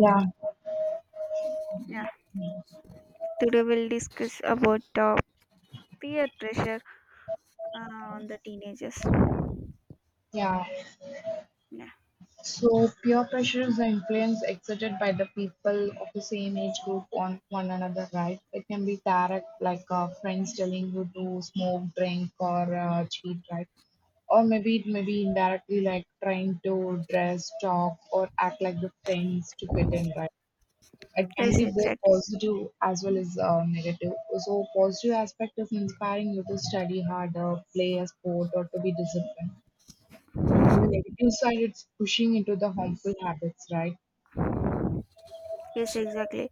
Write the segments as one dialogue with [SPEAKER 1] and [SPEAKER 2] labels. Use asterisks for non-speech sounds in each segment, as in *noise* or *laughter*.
[SPEAKER 1] Yeah,
[SPEAKER 2] Yeah, today we'll discuss about peer pressure uh, on the teenagers.
[SPEAKER 1] yeah.
[SPEAKER 2] Yeah,
[SPEAKER 1] So peer pressure is the influence exerted by the people of the same age group on one another, right? It can be direct, like friends telling you to smoke, drink, or cheat, right? Or maybe it may be indirectly, like trying to dress, talk, or act like the friends to fit in, right? It can
[SPEAKER 2] yes,
[SPEAKER 1] be both
[SPEAKER 2] exactly.
[SPEAKER 1] positive as well as negative. So positive aspect is inspiring you to study harder, play a sport, or to be disciplined on the negative side, it's pushing into the harmful habits, right?
[SPEAKER 2] Yes, exactly.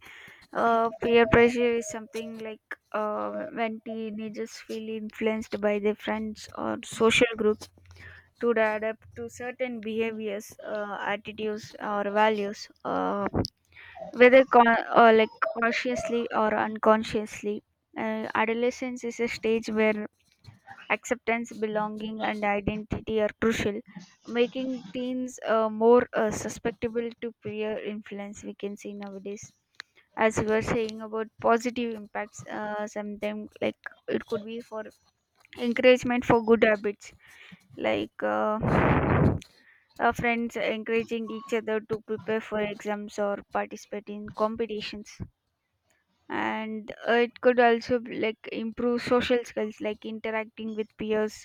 [SPEAKER 2] Peer pressure is something like when teenagers feel influenced by their friends or social groups to adapt to certain behaviors, attitudes, or values, whether con- or like consciously or unconsciously. Adolescence is a stage where acceptance, belonging, and identity are crucial, making teens more susceptible to peer influence. We can see nowadays, as we were saying about positive impacts, sometimes like it could be for encouragement for good habits, like friends encouraging each other to prepare for exams or participate in competitions, and it could also be like improve social skills like interacting with peers,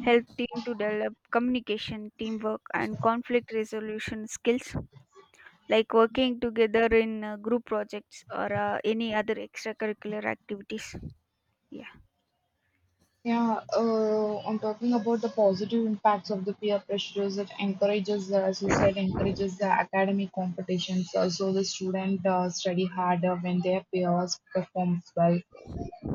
[SPEAKER 2] help team to develop communication teamwork and conflict resolution skills, like working together in group projects or any other extracurricular activities, yeah,
[SPEAKER 1] Yeah, I'm talking about the positive impacts of the peer pressures that encourages, as you said, encourages the academic competitions. Also, the student study harder when their peers performs well.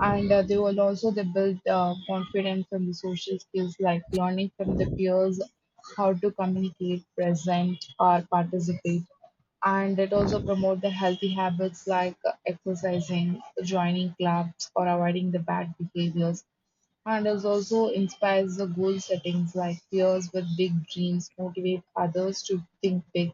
[SPEAKER 1] And they will also they build confidence from the social skills like learning from the peers how to communicate present or participate, and it also promote the healthy habits like exercising joining clubs or avoiding the bad behaviors, and it also inspires the goal settings like peers with big dreams motivate others to think big.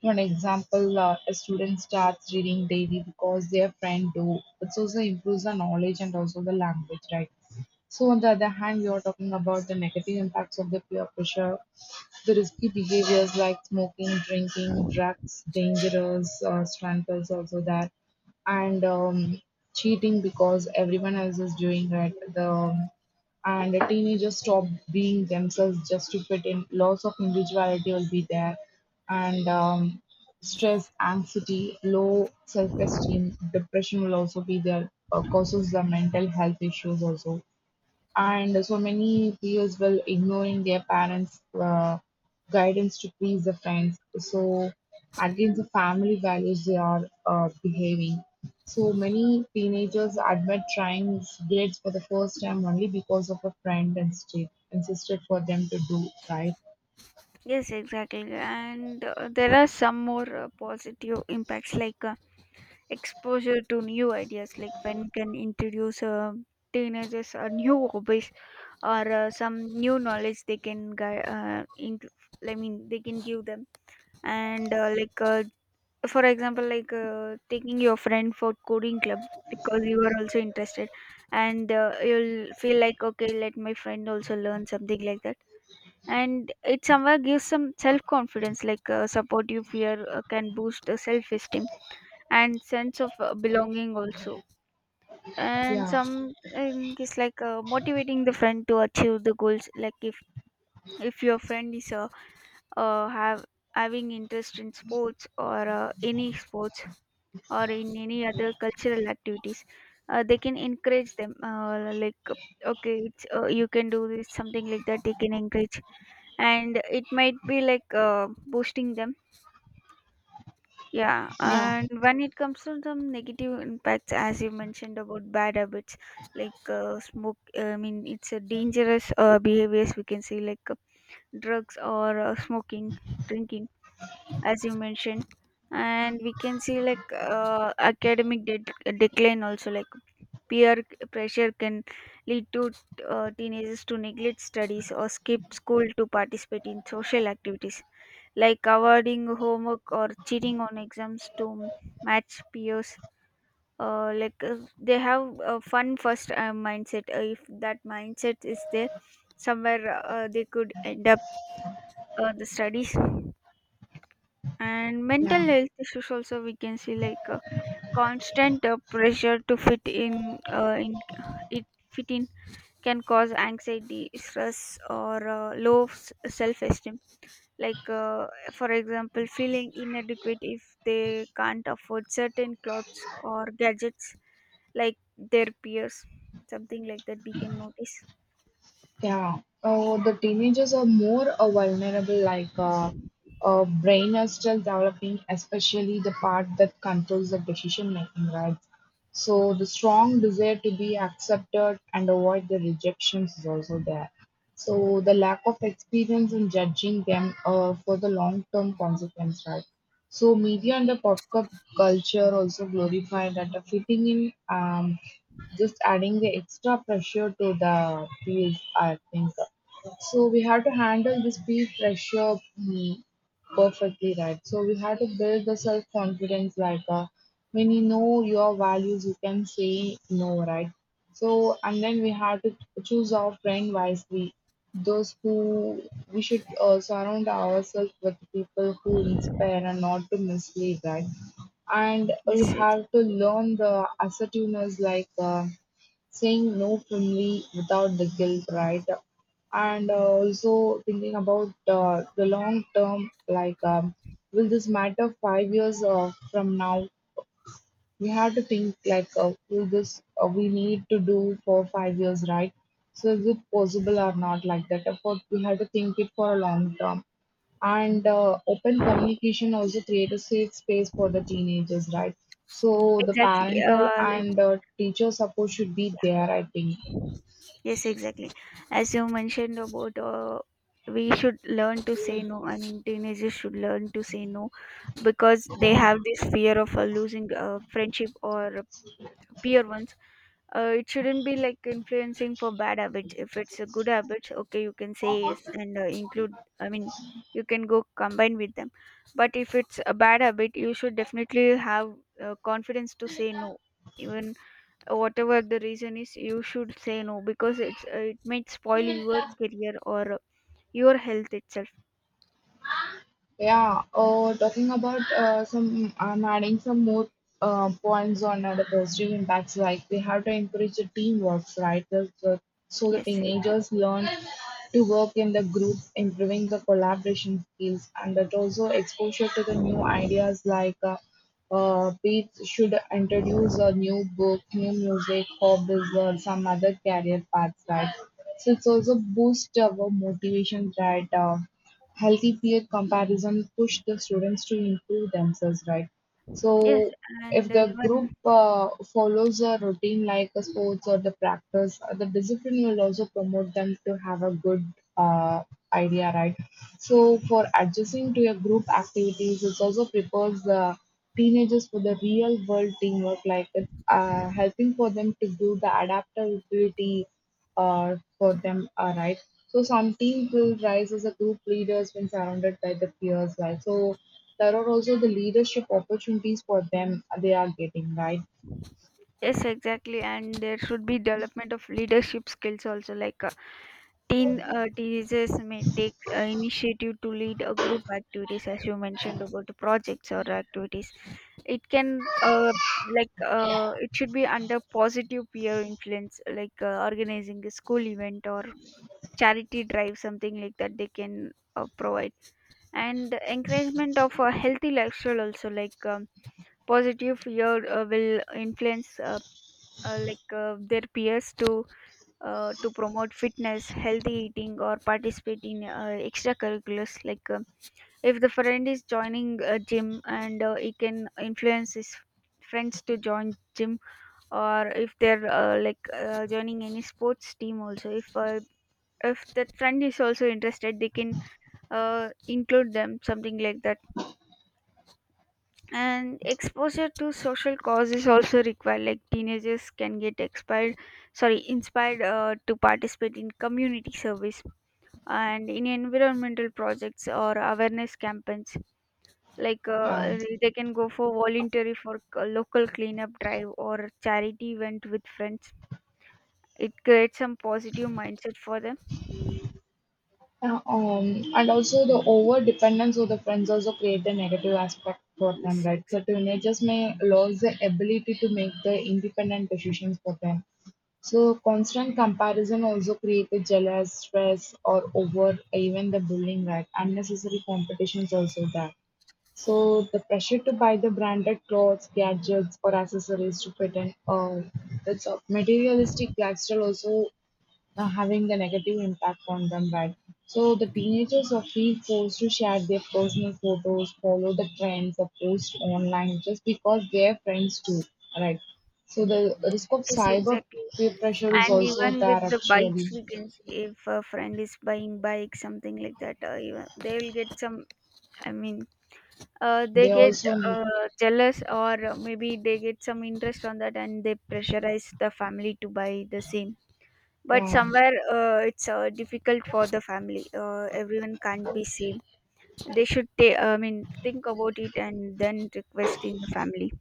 [SPEAKER 1] For an example, a student starts reading daily because their friend do. It also improves the knowledge and also the language, right? So on the other hand, we are talking about the negative impacts of the peer pressure, the risky behaviors like smoking, drinking, drugs, dangerous strangles also that, and cheating because everyone else is doing it. The and the teenagers stop being themselves just to fit in. Loss of individuality will be there and stress, anxiety, low self-esteem, depression will also be there, causes the mental health issues also. And so many peers will ignoring their parents' guidance to please the friends. So against the family values they are behaving. So many teenagers admit trying grades for the first time only because of a friend and state insisted for them to do right.
[SPEAKER 2] yes, exactly. And there are some more positive impacts like exposure to new ideas like when can introduce teenagers a new *laughs* hobbies or some new knowledge they can gui- into, I mean they can give them, and for example like taking your friend for coding club because you are also interested, and you'll feel like okay, let my friend also learn something like that, and it somewhere gives some self confidence, like supportive fear can boost self esteem and sense of belonging also. And
[SPEAKER 1] Yeah,
[SPEAKER 2] something is like motivating the friend to achieve the goals, like if your friend is have having interest in sports or any sports or in any other cultural activities, they can encourage them, like okay you can do this, something like that, they can encourage, and it might be like boosting them. Yeah,
[SPEAKER 1] yeah,
[SPEAKER 2] and when it comes to the negative impacts, as you mentioned about bad habits, like smoke, I mean, it's a dangerous behaviors we can say, like drugs or smoking, drinking, as you mentioned. And we can see like academic decline also, like peer pressure can lead to teenagers to neglect studies or skip school to participate in social activities, like avoiding homework or cheating on exams to match peers. They have a fun first mindset. If that mindset is there, somewhere they could end up the studies. And mental
[SPEAKER 1] yeah.
[SPEAKER 2] health issues also we can see, like constant pressure to fit in it fit in can cause anxiety, stress, or low self esteem, like for example feeling inadequate if they can't afford certain clothes or gadgets like their peers, something like that we can notice.
[SPEAKER 1] Yeah, the teenagers are more vulnerable, like brain is still developing, especially the part that controls the decision making, right? So the strong desire to be accepted and avoid the rejections is also there. So the lack of experience in judging them for the long term consequence, right? So media and the culture also glorify that the fitting in. Just adding the extra pressure to the field, I think. So we have to handle this peer pressure perfectly, right? So we have to build the self confidence, like when you know your values, you can say no, right? So and then we have to choose our friend wisely. Those who we should surround ourselves with people who inspire and not to mislead, right? And
[SPEAKER 2] Yes,
[SPEAKER 1] we
[SPEAKER 2] exactly,
[SPEAKER 1] have to learn the assertiveness like saying no firmly without the guilt, right? And also thinking about the long term, like will this matter 5 years from now? We have to think, like will this we need to do for 5 years, right? So is it possible or not like that. Of course we have to think it for a long term. And open communication also create a safe space for the teenagers, right? So the
[SPEAKER 2] exactly,
[SPEAKER 1] parental
[SPEAKER 2] like,
[SPEAKER 1] and teacher support should be
[SPEAKER 2] yeah,
[SPEAKER 1] there, I think.
[SPEAKER 2] yes, exactly. As you mentioned about we should learn to say no, I mean teenagers should learn to say no, because they have this fear of losing friendship or peer ones. It shouldn't be like influencing for bad habits. If it's a good habit, okay, you can say yes and include, I mean you can go combine with them, but if it's a bad habit, you should definitely have confidence to say no, even whatever the reason is, you should say no because it might spoil your career or your health itself.
[SPEAKER 1] Yeah, talking about some, I'm adding some more points on the positive impacts. Like we have to encourage the teamwork, right? So the
[SPEAKER 2] Yes, exactly.
[SPEAKER 1] teenagers learn to work in the group, improving the collaboration skills, and that also exposure to the new ideas. Like we should introduce a new book, new music, hobbies, or some other career paths, right? So it's also boost our motivation, right? Healthy peer comparison push the students to improve themselves, right?
[SPEAKER 2] Yes,
[SPEAKER 1] So
[SPEAKER 2] and
[SPEAKER 1] if the group
[SPEAKER 2] even,
[SPEAKER 1] follows a routine like a sports or the practice, the discipline will also promote them to have a good uh, idea, right? So for adjusting to your group activities, it also prepares the teenagers for the real world teamwork, like it's helping for them to do the adaptability or for them are right. So some team will rise as a group leaders when surrounded by the peers, right? So there are also the leadership opportunities for them they are getting, right?
[SPEAKER 2] yes, exactly, and there should be development of leadership skills also, like teenagers may take initiative to lead a group activities, as you mentioned about the projects or activities. It can it should be under positive peer influence, like organizing a school event or charity drive, something like that, they can provide, and encouragement of a healthy lifestyle also, like positive peer will influence their peers to promote fitness, healthy eating, or participate in extracurriculars. Like if the friend is joining a gym, and he can influence his friends to join gym, or if they're joining any sports team also. If that friend is also interested, they can include them, something like that. And exposure to social causes also required. Like teenagers can get expired, sorry, inspired to participate in community service and in environmental projects or awareness campaigns, like
[SPEAKER 1] Yeah.
[SPEAKER 2] they can go for voluntary for local cleanup drive or charity event with friends, it creates some positive mindset for them.
[SPEAKER 1] Uh, Um, and also the over dependence of the friends also create the negative aspect for
[SPEAKER 2] yes
[SPEAKER 1] them, right? So
[SPEAKER 2] exa-
[SPEAKER 1] teenagers may lose the ability to make the independent decisions for them. So constant comparison also create the jealous, stress, or over even the bullying, right? Unnecessary competitions also there. So the pressure to buy the branded clothes, gadgets, or accessories to fit in, that's a materialistic lifestyle also having the negative impact on them, right? So the teenagers are feel forced to share their personal photos, follow the trends, or post online just because their friends do, right? So the risk of
[SPEAKER 2] yes,
[SPEAKER 1] cyber
[SPEAKER 2] exactly,
[SPEAKER 1] peer pressure is
[SPEAKER 2] and
[SPEAKER 1] also
[SPEAKER 2] even with
[SPEAKER 1] there
[SPEAKER 2] the bikes
[SPEAKER 1] actually.
[SPEAKER 2] we can see, if a friend is buying bike, something like that, even they will get some, I mean they
[SPEAKER 1] They
[SPEAKER 2] get
[SPEAKER 1] also need,
[SPEAKER 2] jealous, or maybe they get some interest on that, and they pressurize the family to buy the same, but
[SPEAKER 1] yeah.
[SPEAKER 2] somewhere it's difficult for the family, everyone can't be same, they should I mean think about it and then request in the family.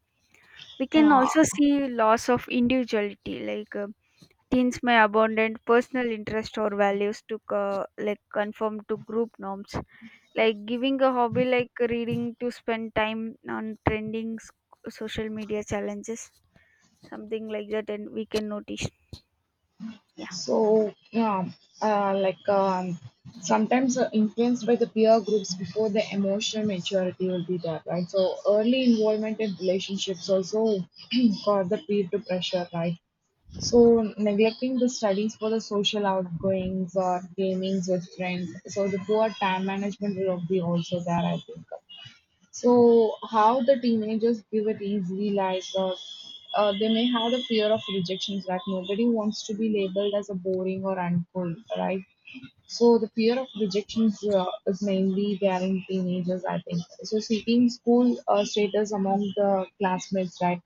[SPEAKER 2] We can
[SPEAKER 1] Yeah,
[SPEAKER 2] also see loss of individuality, like teens may abandon personal interest or values to conform to group norms, like giving a hobby like reading to spend time on trending social media challenges, something like that and we can notice. Yeah,
[SPEAKER 1] so yeah, like sometimes influenced by the peer groups before the emotional maturity will be there, right? So early involvement in relationships also *clears throat* cause the peer to pressure, right? So neglecting the studies for the social outgoings or gamings with friends, so the poor time management will be also there, I think. So how the teenagers give it easily, like they may have the fear of rejections, like nobody wants to be labeled as a boring or uncool, right? So the fear of rejections is mainly there in teenagers, I think. So seeking school status among the classmates, right?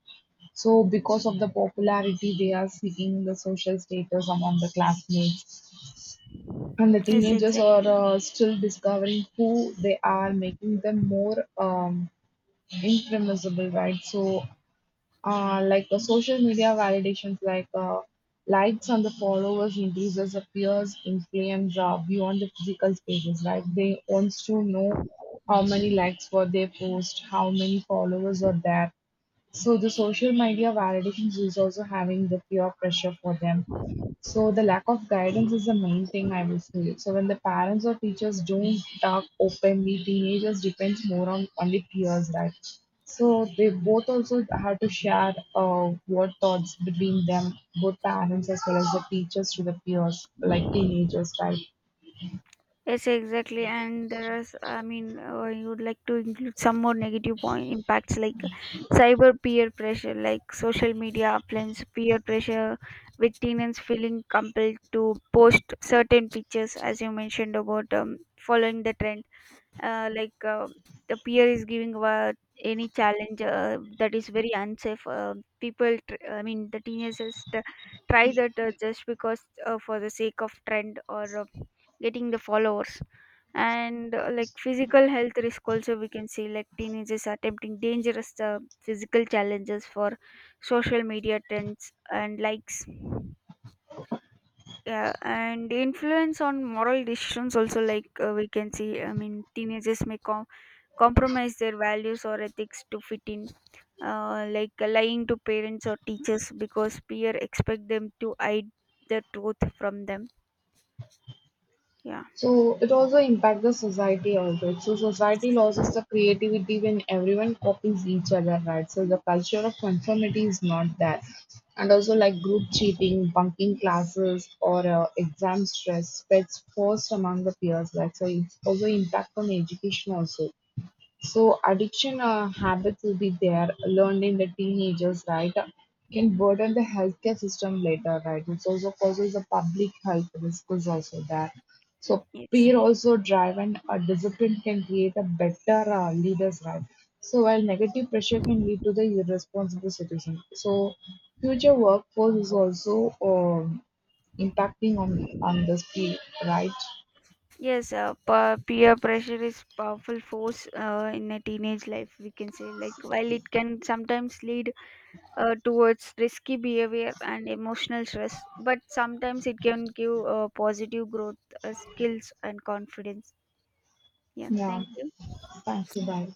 [SPEAKER 1] So because of the popularity, they are seeking the social status among the classmates. And the
[SPEAKER 2] yes,
[SPEAKER 1] teenagers are
[SPEAKER 2] exactly.
[SPEAKER 1] still discovering who they are, making them more impermissible, right? So, like the social media validations, like likes and the followers increases appears influence beyond the physical spaces, right? They wants to know how many likes were they post, how many followers are there, so the social media validations is also having the peer pressure for them. So the lack of guidance is the main thing I will say. So when the parents or teachers don't talk openly, teenagers depends more on only peers, right? So they both also have to share what thoughts between them, both parents as well as the teachers to the peers, like teenagers, right?
[SPEAKER 2] Yes, exactly. And there is, I mean, you would like to include some more negative point impacts, like cyber peer pressure, like social media uplands, peer pressure with teens feeling compelled to post certain pictures, as you mentioned about following the trend, uh, like uh, the peer is giving any challenge that is very unsafe, people I mean the teenagers try that just because for the sake of trend or getting the followers. And like physical health risk also we can see, like teenagers attempting dangerous physical challenges for social media trends and likes. Yeah, and influence on moral decisions also, like we can see, I mean teenagers may compromise their values or ethics to fit in, like lying to parents or teachers because peer expect them to hide the truth from them. Yeah.
[SPEAKER 1] So it also impacts the society also. So society loses the creativity when everyone copies each other, right? So the culture of conformity is not there. And also like group cheating, bunking classes or exam stress spreads forced among the peers, right? So it's also impact on education also. So addiction habits will be there learned in the teenagers, right? Can burden the healthcare system later, right? It also causes a public health risk is also there. So
[SPEAKER 2] Yes.
[SPEAKER 1] peer also driven a discipline can create a better leaders, right? So while negative pressure can lead to the irresponsible situation. So future workforce is also impacting on this field, right?
[SPEAKER 2] Yes. Peer pressure is powerful force in a teenage life. We can say like while it can sometimes lead towards risky behavior and emotional stress, but sometimes it can give positive growth, skills, and confidence. Yeah.
[SPEAKER 1] Yeah.
[SPEAKER 2] Thank you.
[SPEAKER 1] Thank you. Bye.